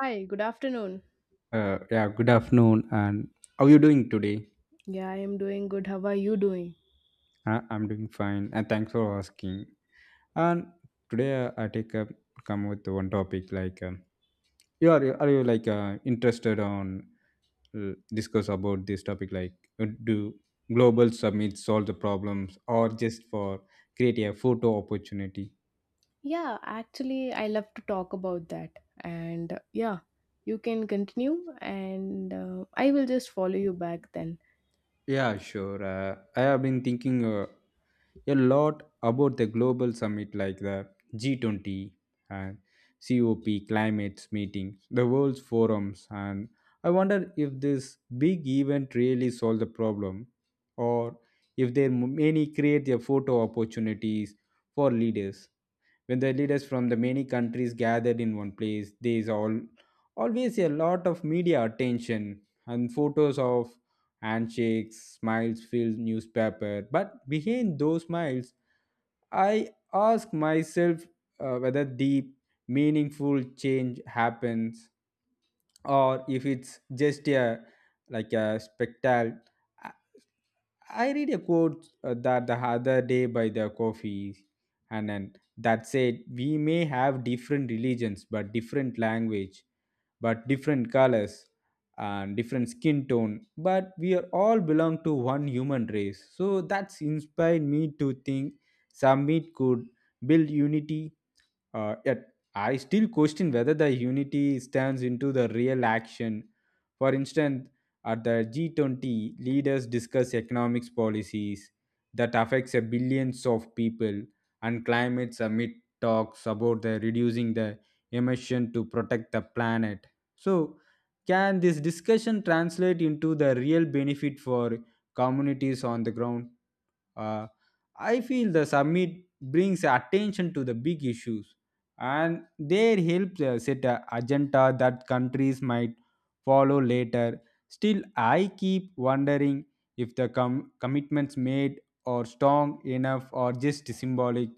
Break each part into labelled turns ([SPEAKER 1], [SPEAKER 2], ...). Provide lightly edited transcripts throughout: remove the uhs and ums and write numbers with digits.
[SPEAKER 1] Hi, good afternoon.
[SPEAKER 2] Yeah, good afternoon. And how you doing today?
[SPEAKER 1] Yeah, I am doing good. How are you doing?
[SPEAKER 2] I'm doing fine, and thanks for asking. And today I take up come with one topic like you like interested on discuss about this topic like do global summits solve the problems or just for create a photo opportunity?
[SPEAKER 1] Yeah, actually, I love to talk about that. And yeah, you can continue, and I will just follow you back then.
[SPEAKER 2] Yeah, sure. I have been thinking a lot about the global summit like the G20 and COP climate meetings, the world's forums, and I wonder if this big event really solved the problem or if there many create their photo opportunities for leaders. When the leaders from the many countries gathered in one place, there is all always a lot of media attention and photos of handshakes, smiles fill newspaper. But behind those smiles, I ask myself whether deep, meaningful change happens or if it's just a like a spectacle. I read a quote that the other day by the coffee and then that said we may have different religions but different language, but different colors and different skin tone, but we are all belong to one human race. So that's inspired me to think summit could build unity, yet I still question whether the unity stands into the real action. For instance, at the G20, leaders discuss economics policies that affects a billions of people, and climate summit talks about the reducing the emission to protect the planet. So, can this discussion translate into the real benefit for communities on the ground? Uh, I feel the summit brings attention to the big issues and their help set a agenda that countries might follow later. Still, I keep wondering if the commitments made are strong enough or just symbolic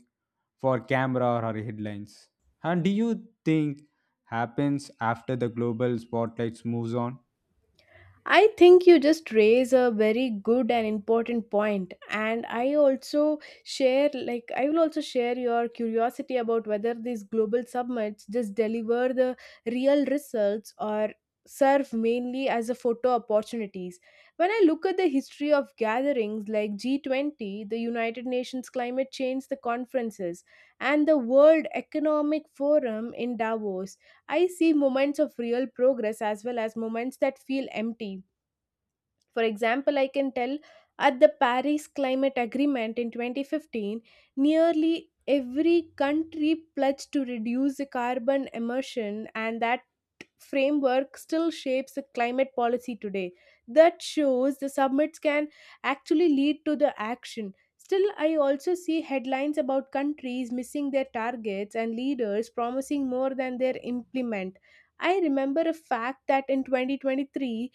[SPEAKER 2] for camera or headlines. And do you think happens after the global spotlights moves on?
[SPEAKER 1] I think you just raise a very good and important point, and I also share, like I will also share your curiosity about whether these global summits just deliver the real results or serve mainly as a photo opportunities. When I look at the history of gatherings like G20, the United Nations Climate Change the conferences, and the World Economic Forum in Davos, I see moments of real progress as well as moments that feel empty. For example, I can tell at the Paris Climate Agreement in 2015, nearly every country pledged to reduce the carbon emission, and that framework still shapes the climate policy today. That shows the summits can actually lead to the action. Still, I also see headlines about countries missing their targets and leaders promising more than they implement. I remember a fact that in 2023,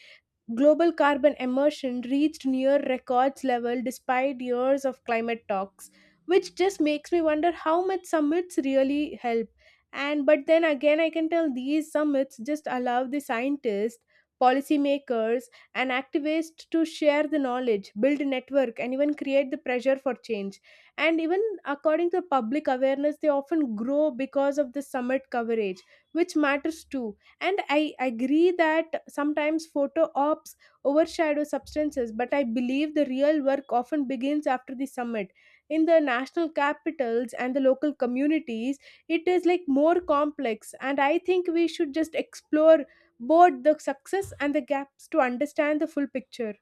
[SPEAKER 1] global carbon emission reached near records level despite years of climate talks, which just makes me wonder how much summits really help. And but then again, I can tell these summits just allow the scientists, policymakers, and activists to share the knowledge, build a network, and even create the pressure for change. And even according to public awareness, they often grow because of the summit coverage, which matters too. And I agree that sometimes photo ops overshadow substances, but I believe the real work often begins after the summit in the national capitals and the local communities. It is like more complex, and I think we should just explore both the success and the gaps to understand the full picture.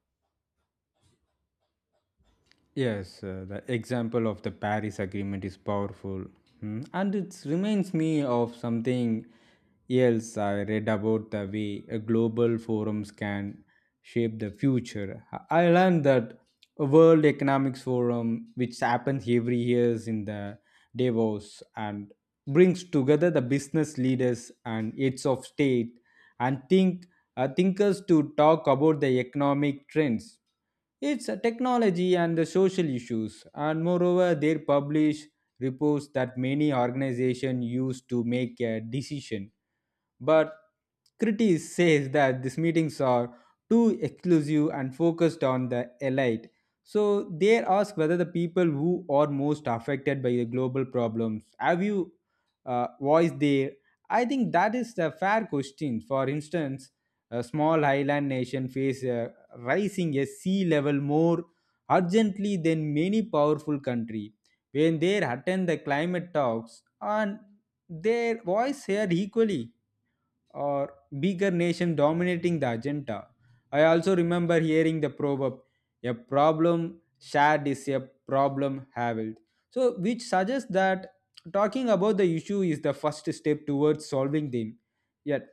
[SPEAKER 2] Yes, the example of the Paris Agreement is powerful, Hmm. and it reminds me of something else I read about the way a global forums can shape the future. I learned that a World Economics Forum, which happens every year in the Davos, and brings together the business leaders and heads of state, and thinkers to talk about the economic trends, its technology, and the social issues. And moreover, they publish reports that many organizations use to make a decision, but critics says that these meetings are too exclusive and focused on the elite. So they ask whether the people who are most affected by the global problems have you voiced there. I think that is the fair question. For instance, a small island nation face rising a sea level more urgently than many powerful country. When they attend the climate talks and their voice heard equally or bigger nation dominating the agenda. I also remember hearing the proverb, a problem shared is a problem halved. So, which suggests that talking about the issue is the first step towards solving them. Yet,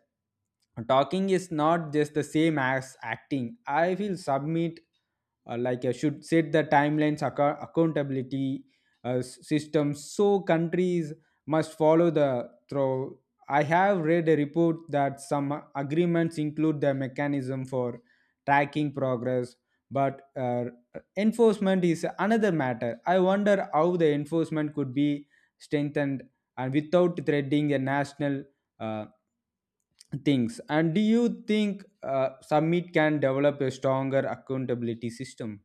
[SPEAKER 2] talking is not just the same as acting. I feel submit like I should set the timelines, accountability system so countries must follow the through. I have read a report that some agreements include the mechanism for tracking progress, but enforcement is another matter. I wonder how the enforcement could be strengthened and without threading a national uh, things. And do you think summit can develop a stronger accountability system?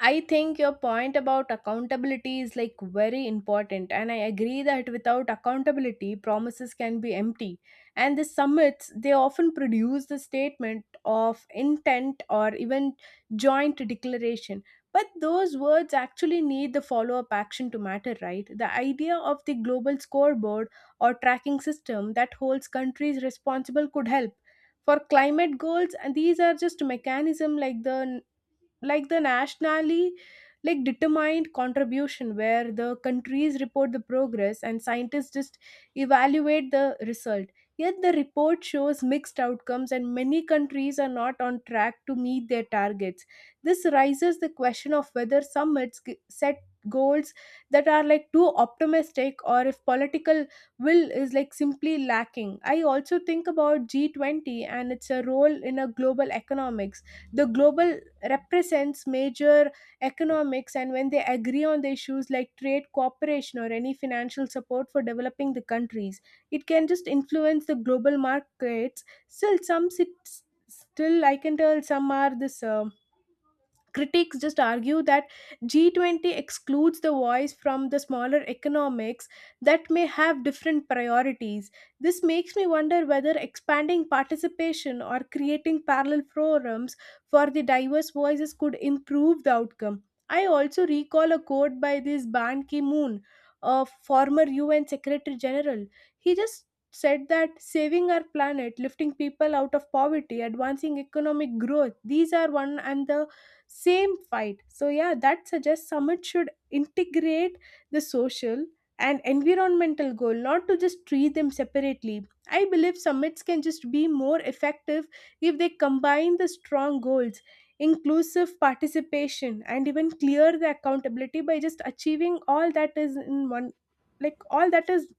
[SPEAKER 1] I think your point about accountability is like very important, and I agree that without accountability, promises can be empty. And the summits, they often produce the statement of intent or even joint declaration. But those words actually need the follow up action to matter, right? The idea of the global scoreboard or tracking system that holds countries responsible could help. For climate goals, and these are just mechanism like the nationally like determined contribution, where the countries report the progress and scientists just evaluate the result. Yet the report shows mixed outcomes, and many countries are not on track to meet their targets. This raises the question of whether summits set goals that are like too optimistic or if political will is like simply lacking. I also think about G20 and its a role in a global economics, the global represents major economics, and when they agree on the issues like trade cooperation or any financial support for developing the countries, it can just influence the global markets. Still, I can tell some are this critics just argue that G20 excludes the voice from the smaller economics that may have different priorities. This makes me wonder whether expanding participation or creating parallel forums for the diverse voices could improve the outcome. I also recall a quote by this Ban Ki moon, a former UN Secretary General. He just said that saving our planet, lifting people out of poverty, advancing economic growth, these are one and the same fight. So yeah, that suggests summit should integrate the social and environmental goal, not to just treat them separately. I believe summits can just be more effective if they combine the strong goals, inclusive participation, and even clear the accountability by just achieving all that is in one, like all that is,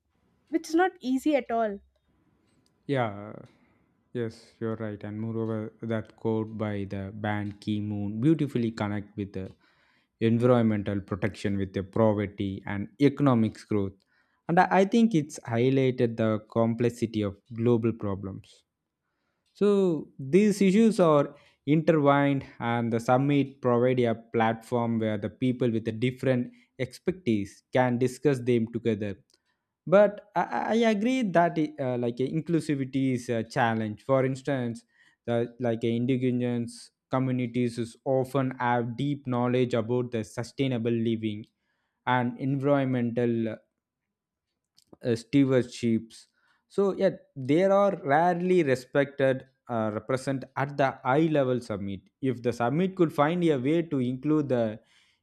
[SPEAKER 1] which is not easy at all.
[SPEAKER 2] Yeah, yes, you're right. And moreover, that quote by the band Key Moon beautifully connect with the environmental protection with the poverty and economic growth. And I think it's highlighted the complexity of global problems. So these issues are intertwined and the summit provide a platform where the people with the different expertise can discuss them together. But I agree that like inclusivity is a challenge. For instance, the like indigenous communities is often have deep knowledge about the sustainable living and environmental steverships. So yeah, they are rarely respected, represent at the high level summit. If the summit could find a way to include the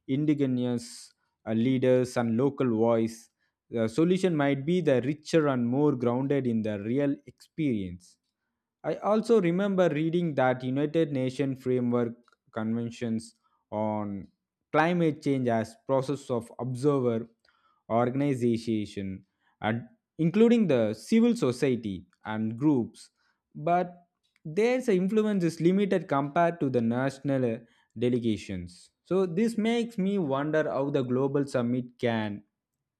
[SPEAKER 2] indigenous leaders and local voice, the solution might be the richer and more grounded in the real experience. I also remember reading that United Nations framework conventions on climate change as process of observer organization and including the civil society and groups, but their influence is limited compared to the national delegations. So this makes me wonder how the global summit can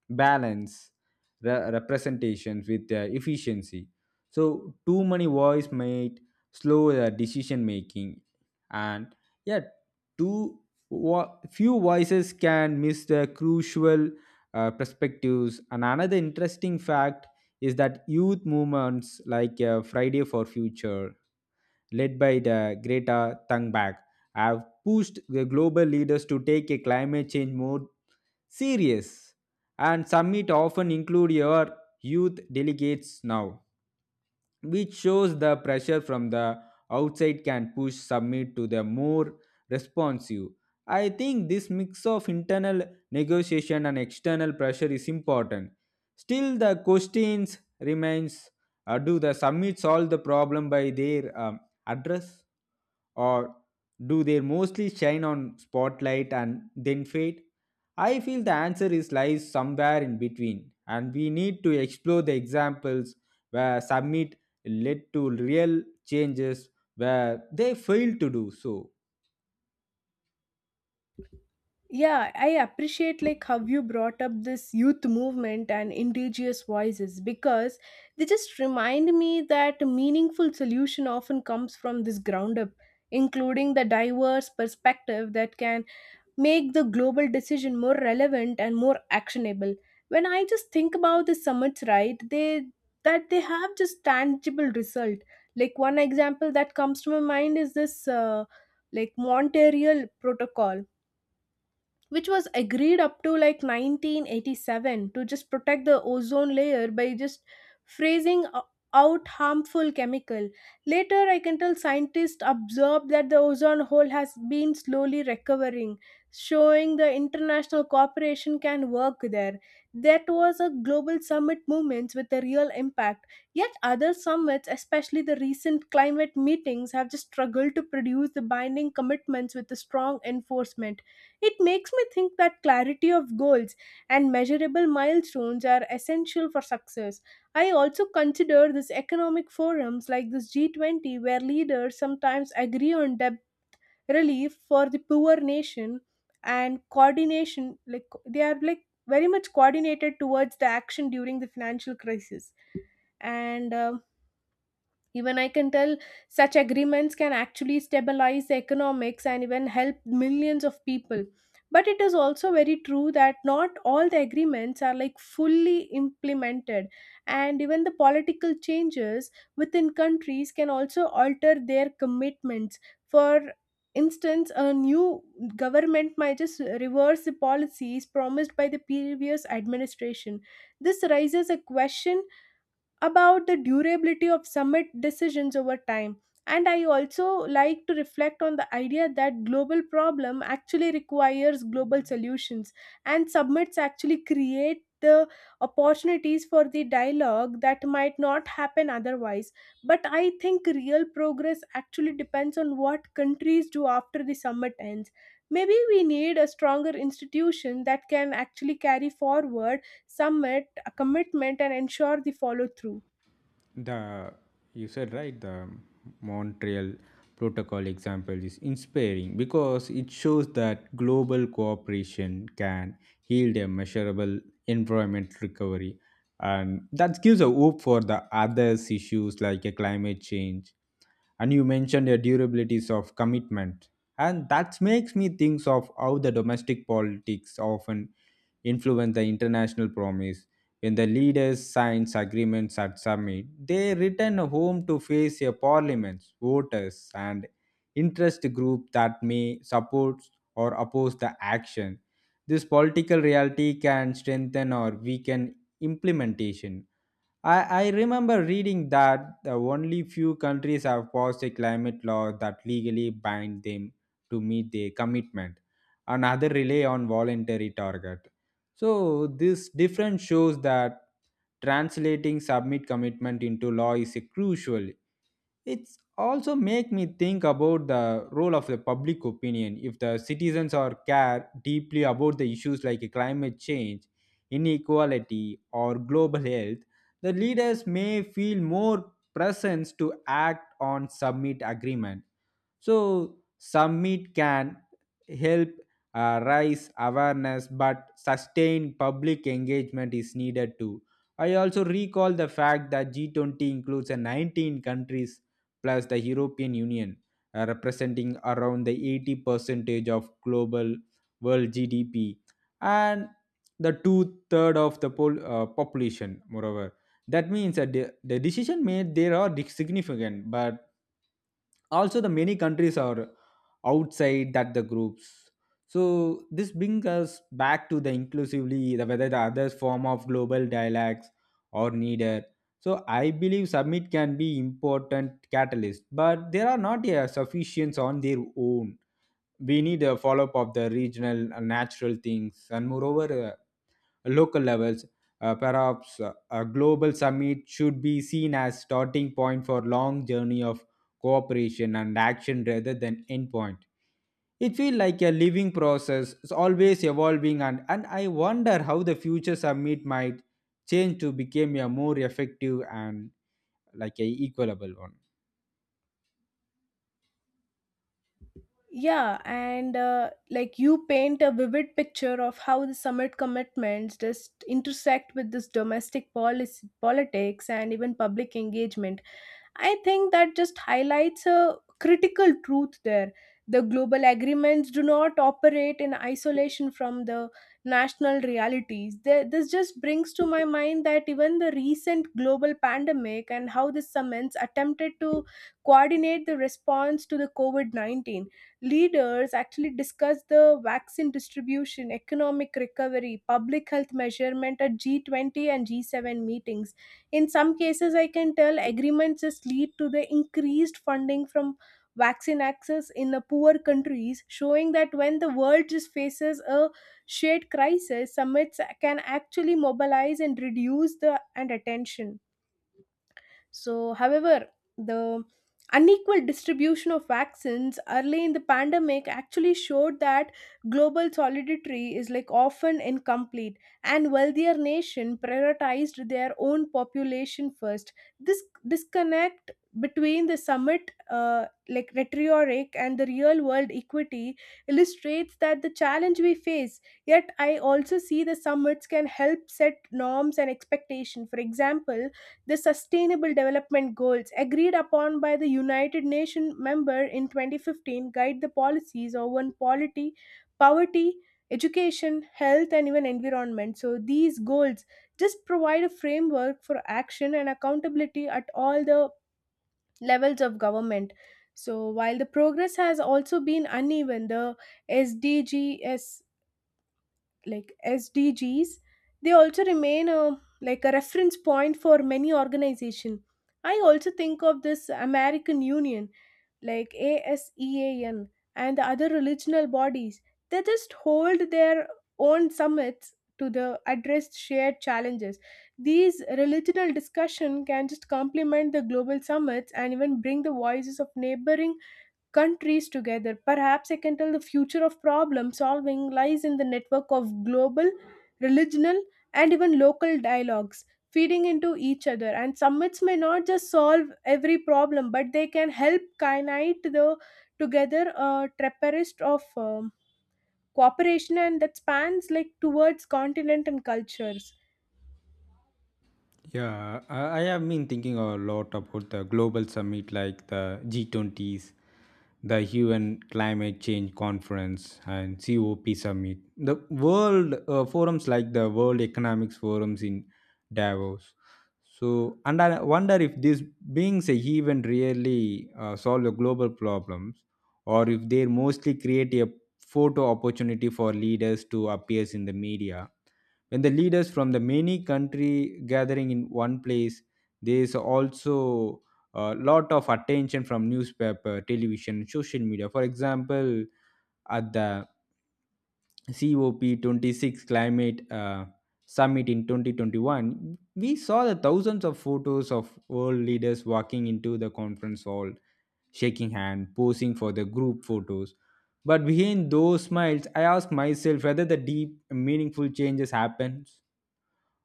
[SPEAKER 2] balance representations with efficiency. So too many voice might slow the decision making, and yet too few voices can miss the crucial perspectives. And another interesting fact is that youth movements like Friday for Future, led by the Greta Thunberg, have pushed the global leaders to take a climate change more serious. And summit often include your youth delegates now, which shows the pressure from the outside can push submit to the more responsive. I think this mix of internal negotiation and external pressure is important. Still, the questions remains: do the summits solve the problem by their address, or do they mostly shine on spotlight and then fade? I feel the answer is lies somewhere in between, and we need to explore the examples where summit led to real changes where they failed to do so.
[SPEAKER 1] Yeah, I appreciate like how you brought up this youth movement and indigenous voices, because they just remind me that a meaningful solution often comes from this ground up, including the diverse perspective that can make the global decision more relevant and more actionable. When I just think about the summits, right, they that they have just tangible result. Like one example that comes to my mind is this like Montreal Protocol, which was agreed up to like 1987 to just protect the ozone layer by just phrasing o- out harmful chemical. Later, I can tell scientists observed that the ozone hole has been slowly recovering, showing the international cooperation can work there. That was a global summit movements with a real impact. Yet other summits, especially the recent climate meetings, have just struggled to produce the binding commitments with the strong enforcement. It makes me think that clarity of goals and measurable milestones are essential for success. I also consider these economic forums like this G20, where leaders sometimes agree on debt relief for the poor nation and coordination, like they are like very much coordinated towards the action during the financial crisis. And even I can tell such agreements can actually stabilize the economics and even help millions of people. But it is also very true that not all the agreements are like fully implemented, and even the political changes within countries can also alter their commitments. For instance, a new government might just reverse the policies promised by the previous administration. This raises a question about the durability of summit decisions over time. And I also like to reflect on the idea that global problem actually requires global solutions, and summits actually create the opportunities for the dialogue that might not happen otherwise. But I think real progress actually depends on what countries do after the summit ends. Maybe we need a stronger institution that can actually carry forward submit a commitment and ensure the follow through.
[SPEAKER 2] The You said right, the Montreal protocol example is inspiring because it shows that global cooperation can yield a measurable environment recovery, and that gives a hope for the others issues like a climate change. And you mentioned the durabilities of commitment, and that makes me think of how the domestic politics often influence the international promise. When the leaders sign agreements at summit, they return home to face their parliaments, voters, and interest group that may support or oppose the action. This political reality can strengthen or weaken implementation. I remember reading that the only few countries have passed a climate law that legally bind them to meet their commitment. Another rely on voluntary target. So this difference shows that translating submit commitment into law is a crucial. It's also make me think about the role of the public opinion. If the citizens are care deeply about the issues like climate change, inequality, or global health, the leaders may feel more presence to act on summit agreement. So summit can help raise awareness, but sustained public engagement is needed too. I also recall the fact that G20 includes a 19 countries plus the European Union, representing around the 80 percentage of global world GDP and the two third of the population. Moreover, that means that the decision made there are significant, but also the many countries are outside that the groups. So this brings us back to the inclusively, the whether the other form of global dialogues are needed. So I believe summit can be important catalyst, but there are not a sufficient on their own. We need a follow up of the regional natural things, and moreover, local levels. Perhaps a global summit should be seen as starting point for long journey of cooperation and action rather than end point. It feels like a living process, it's always evolving, and I wonder how the future summit might change to become a more effective and like a equalable one.
[SPEAKER 1] Yeah, and like you paint a vivid picture of how the summit commitments just intersect with this domestic policy politics and even public engagement. I think that just highlights a critical truth there. The global agreements do not operate in isolation from the national realities. This just brings to my mind that even the recent global pandemic, and how the summits attempted to coordinate the response to the COVID-19, leaders actually discussed the vaccine distribution, economic recovery, public health measurement at G20 and G7 meetings. In some cases, I can tell agreements just lead to the increased funding from vaccine access in the poor countries, showing that when the world just faces a shared crisis, summits can actually mobilize and reduce the and attention. So, however, the unequal distribution of vaccines early in the pandemic actually showed that global solidarity is like often incomplete, and wealthier nation prioritized their own population first. This disconnect between the summit like rhetoric and the real world equity illustrates that the challenge we face. Yet I also see the summits can help set norms and expectation. For example, the sustainable development goals agreed upon by the united nations member in 2015 guide the policies on poverty poverty education, health, and even environment. So these goals just provide a framework for action and accountability at all the levels of government. So while the progress has also been uneven, the sdgs SDGs, they also remain a like a reference point for many organization. I also think of this American Union, like ASEAN, and the other regional bodies. They just hold their own summits to the address shared challenges. These regional discussion can just complement the global summits and even bring the voices of neighboring countries together. Perhaps I can tell the future of problem solving lies in the network of global, regional, and even local dialogues feeding into each other. And summits may not just solve every problem, but they can help unite the together a trapperist of cooperation, and that spans like towards continent and cultures.
[SPEAKER 2] Yeah, I have been thinking a lot about the global summit like the G20s, the UN Climate Change Conference, and COP Summit. The world forums like the World Economics Forums in Davos. So, and I wonder if these beings even really solve the global problems or if they mostly create a photo opportunity for leaders to appear in the media. When the leaders from the many country gathering in one place, there is also a lot of attention from newspaper, television, social media. For example, at the COP26 climate summit in 2021, we saw the thousands of photos of world leaders walking into the conference hall, shaking hand, posing for the group photos, but behind those smiles, I ask myself whether the deep, meaningful changes happens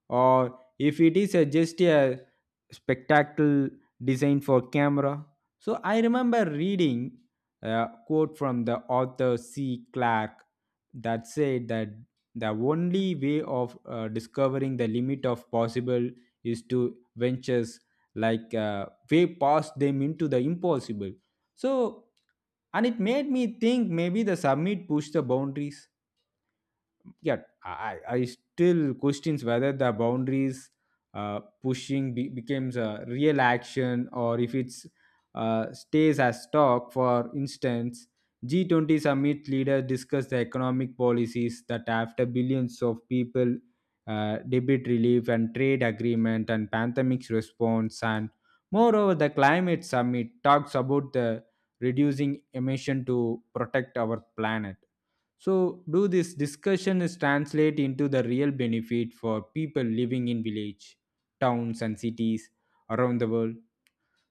[SPEAKER 2] or if it is a just a spectacle designed for camera. So I remember reading a quote from the author C. Clark that said that the only way of discovering the limit of possible is to ventures like way past them into the impossible. So and it made me think maybe the summit pushed the boundaries. Yeah, I still questions whether the boundaries pushing becomes a real action, or if it's stays as talk. For instance, G20 summit leaders discuss the economic policies that after billions of people, debit relief and trade agreement and pandemic response. And moreover, the climate summit talks about the reducing emission to protect our planet. So, do this discussion is translate into the real benefit for people living in village, towns, and cities around the world?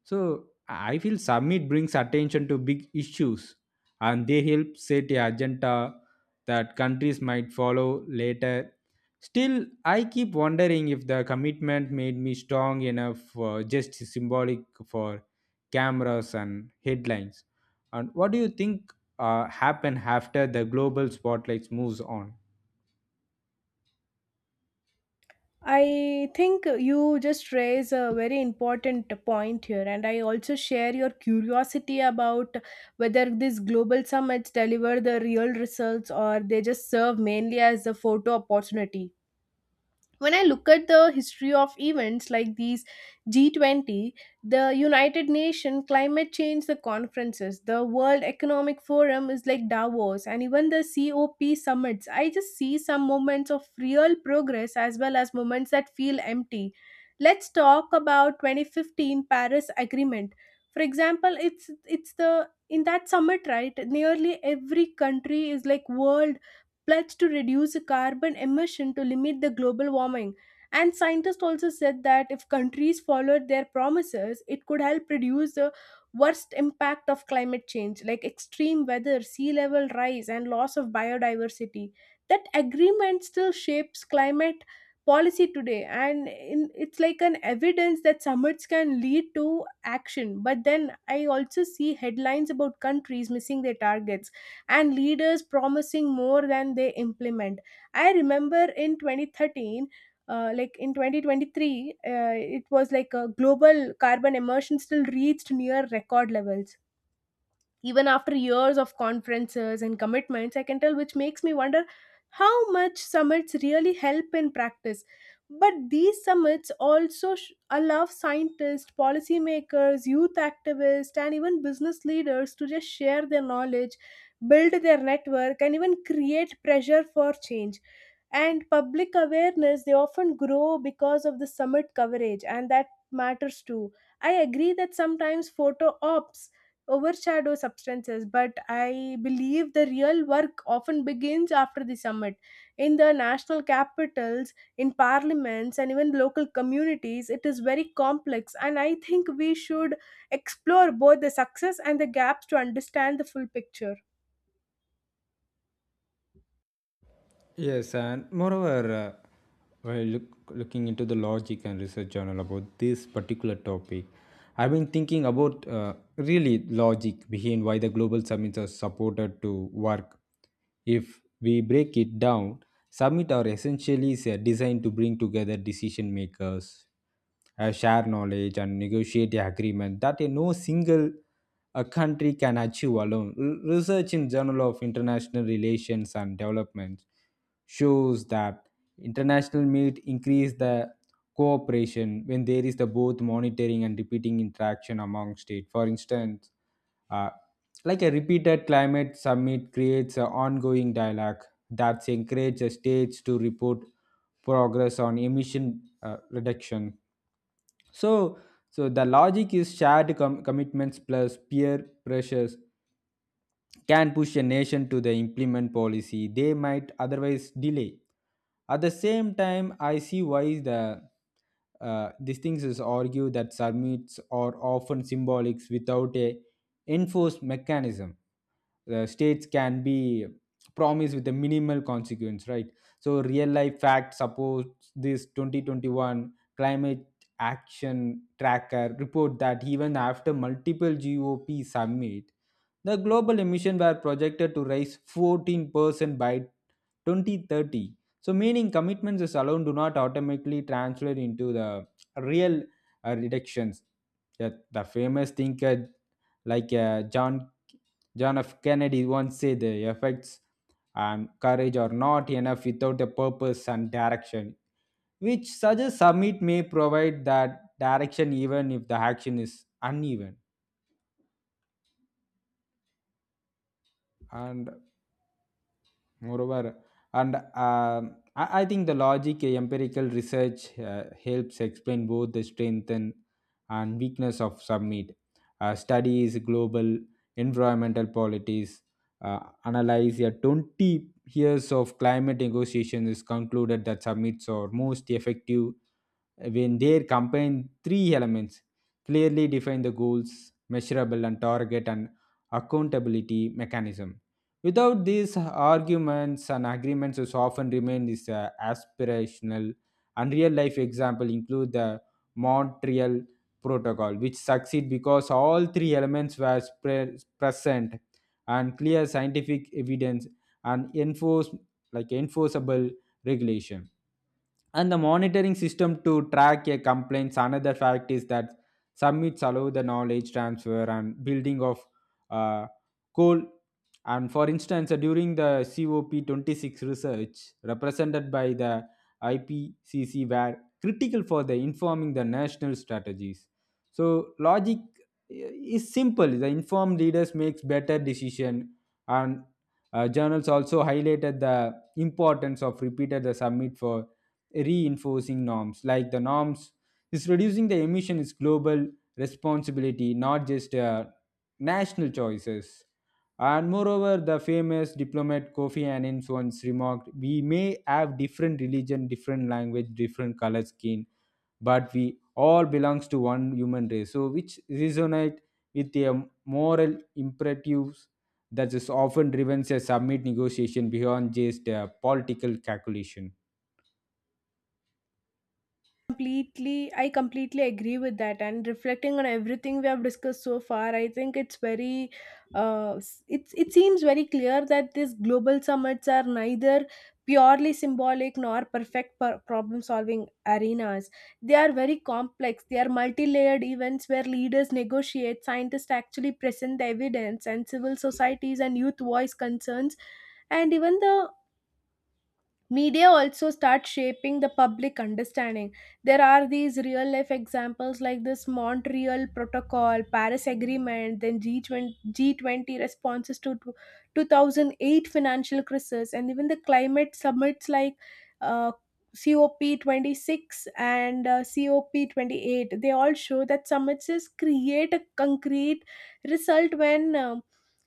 [SPEAKER 2] So I feel summit brings attention to big issues, and they help set a agenda that countries might follow later. Still, I keep wondering if the commitment made me strong enough, for just symbolic, for cameras and headlines. And what do you think happen after the global spotlight moves on?
[SPEAKER 1] I think you just raise a very important point here, and I also share your curiosity about whether these global summits deliver the real results or they just serve mainly as a photo opportunity. When I look at the history of events like these G20, the United Nations Climate Change the conferences, the World Economic Forum is like Davos, and even the COP summits, I just see some moments of real progress as well as moments that feel empty. Let's talk about 2015 Paris Agreement. For example, it's the in that summit, right? Nearly every country is like world pledged to reduce carbon emission to limit the global warming. And scientists also said that if countries followed their promises, it could help reduce the worst impact of climate change, like extreme weather, sea level rise, and loss of biodiversity. That agreement still shapes climate policy today, and in, it's like an evidence that summits can lead to action. But then I also see headlines about countries missing their targets and leaders promising more than they implement. I remember in 2023 it was like a global carbon emission still reached near record levels even after years of conferences and commitments, I can tell, which makes me wonder how much summits really help in practice. But these summits also allow scientists, policymakers, youth activists, and even business leaders to just share their knowledge, build their network, and even create pressure for change. And public awareness, they often grow because of the summit coverage, and that matters too. I agree that sometimes photo ops overshadow substances, but I believe the real work often begins after the summit in the national capitals, in parliaments, and even local communities. It is very complex, and I think we should explore both the success and the gaps to understand the full picture.
[SPEAKER 2] Yes, and moreover, while looking into the logic and research journal about this particular topic, I've been thinking about really logic behind why the global summits are supported to work. If we break it down, summit are essentially designed to bring together decision makers, share knowledge, and negotiate the agreement that no single a country can achieve alone. Research in Journal of International Relations and Development shows that international meet increase the cooperation when there is the both monitoring and repeating interaction among states. For instance, uh, like a repeated climate summit creates an ongoing dialogue that encourages states to report progress on emission reduction. So, so the logic is shared commitments plus peer pressures can push a nation to the implement policy they might otherwise delay. At the same time, I see why the these things is argue that summits are often symbolic without a enforced mechanism. The states can be promised with a minimal consequence, right? So real life fact suppose this 2021 climate action tracker report that even after multiple GOP summit, the global emissions were projected to rise 14% by 2030. So, meaning commitments is alone do not automatically translate into the real reductions. Yet the famous thinker, like John F. Kennedy once said, "The effects and courage are not enough without a purpose and direction," which suggests summit may provide that direction even if the action is uneven. And moreover, and I think the logic, empirical research helps explain both the strength and weakness of submit. Studies global environmental policies, analyze a 20 years of climate negotiations is concluded that summits are most effective when they combine three elements: clearly define the goals, measurable and target, and accountability mechanism. Without these, arguments and agreements is often remain is aspirational. And real life example include the montreal protocol, which succeed because all three elements were present, and clear scientific evidence, and enforce, like enforceable regulation, and the monitoring system to track a complaints. Another fact is that submits allow the knowledge transfer and building of uh, coal. And for instance, during the COP26 research represented by the ipcc were critical for the informing the national strategies. So logic is simple: the informed leaders makes better decision. And journals also highlighted the importance of repeated the summit for reinforcing norms, like the norms is reducing the emission is global responsibility, not just national choices. And moreover, the famous diplomat kofi annan once remarked, "We may have different religion, different language, different color skin, but we all belongs to one human race," so which resonate with the moral imperatives that is often driven a summit negotiation beyond just a political calculation.
[SPEAKER 1] Completely i completely agree with that, and reflecting on everything we have discussed so far, I think it's very it's it seems very clear that these global summits are neither purely symbolic nor problem solving arenas. They are very complex. They are multi-layered events where leaders negotiate, scientists actually present the evidence, and civil societies and youth voice concerns, and even the media also start shaping the public understanding. There are these real life examples like this Montreal Protocol, Paris Agreement, then G20, G20 responses to 2008 financial crisis, and even the climate summits like uh, COP26 and COP28. They all show that summits is create a concrete result when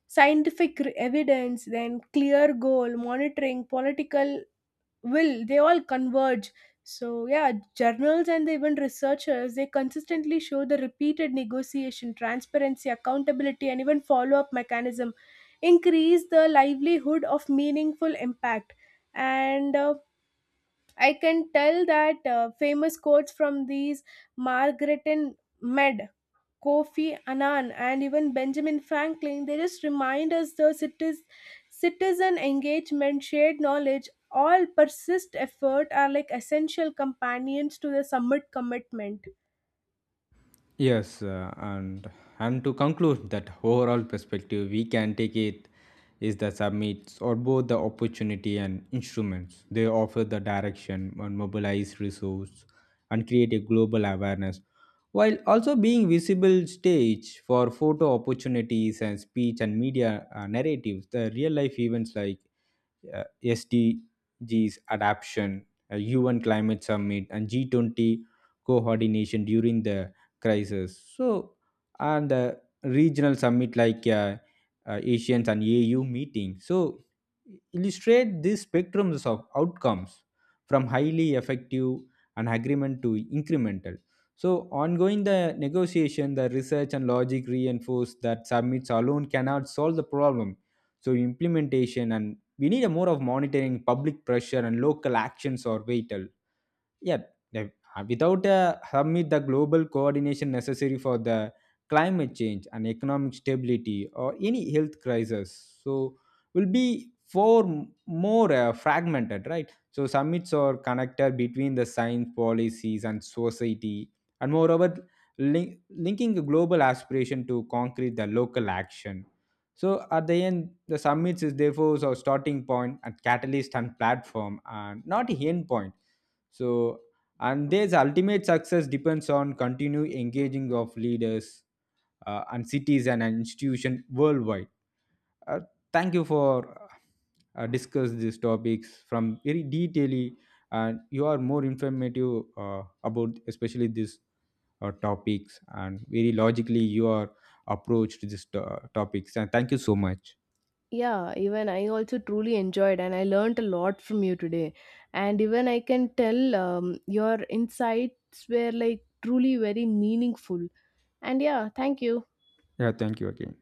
[SPEAKER 1] scientific evidence, then clear goal, monitoring, political will, they all converge. So yeah, journals and even researchers, they consistently show the repeated negotiation, transparency, accountability, and even follow-up mechanism increase the livelihood of meaningful impact. And I can tell that famous quotes from these margaret and med Kofi Annan, and even Benjamin Franklin, they just remind us the cities, citizen engagement, shared knowledge, all persist effort are like essential companions to the summit commitment.
[SPEAKER 2] Yes, and to conclude that overall perspective we can take it is the summits or both the opportunity and instruments. They offer the direction and mobilize resource and create a global awareness, while also being visible stage for photo opportunities and speech and media narratives. The real life events like SDGs adaptation, a UN climate summit, and G20 coordination during the crisis. So, and the regional summit like Asians and AU meeting, so, illustrate these spectrums of outcomes from highly effective and agreement to incremental. So, ongoing the negotiation, the research and logic reinforce that summits alone cannot solve the problem. So, implementation and we need a more of monitoring, public pressure, and local actions are vital. Yeah, without hermit, the global coordination necessary for the climate change and economic stability or any health crisis, so will be far more fragmented, right? So summits are connected between the science policies and society, and moreover, linking the global aspiration to concrete the local action. So at the end, the summits is therefore a starting point and catalyst and platform, and not a end point. So, and there's ultimate success depends on continued engaging of leaders and cities and institutions worldwide. Uh, thank you for discuss these topics from very detailedly, and you are more informative about especially these topics, and very logically you are approached these topics. And thank you so much.
[SPEAKER 1] Yeah, even I also truly enjoyed and I learned a lot from you today. And even I can tell your insights were like truly very meaningful. And yeah, thank you.
[SPEAKER 2] Yeah, thank you again.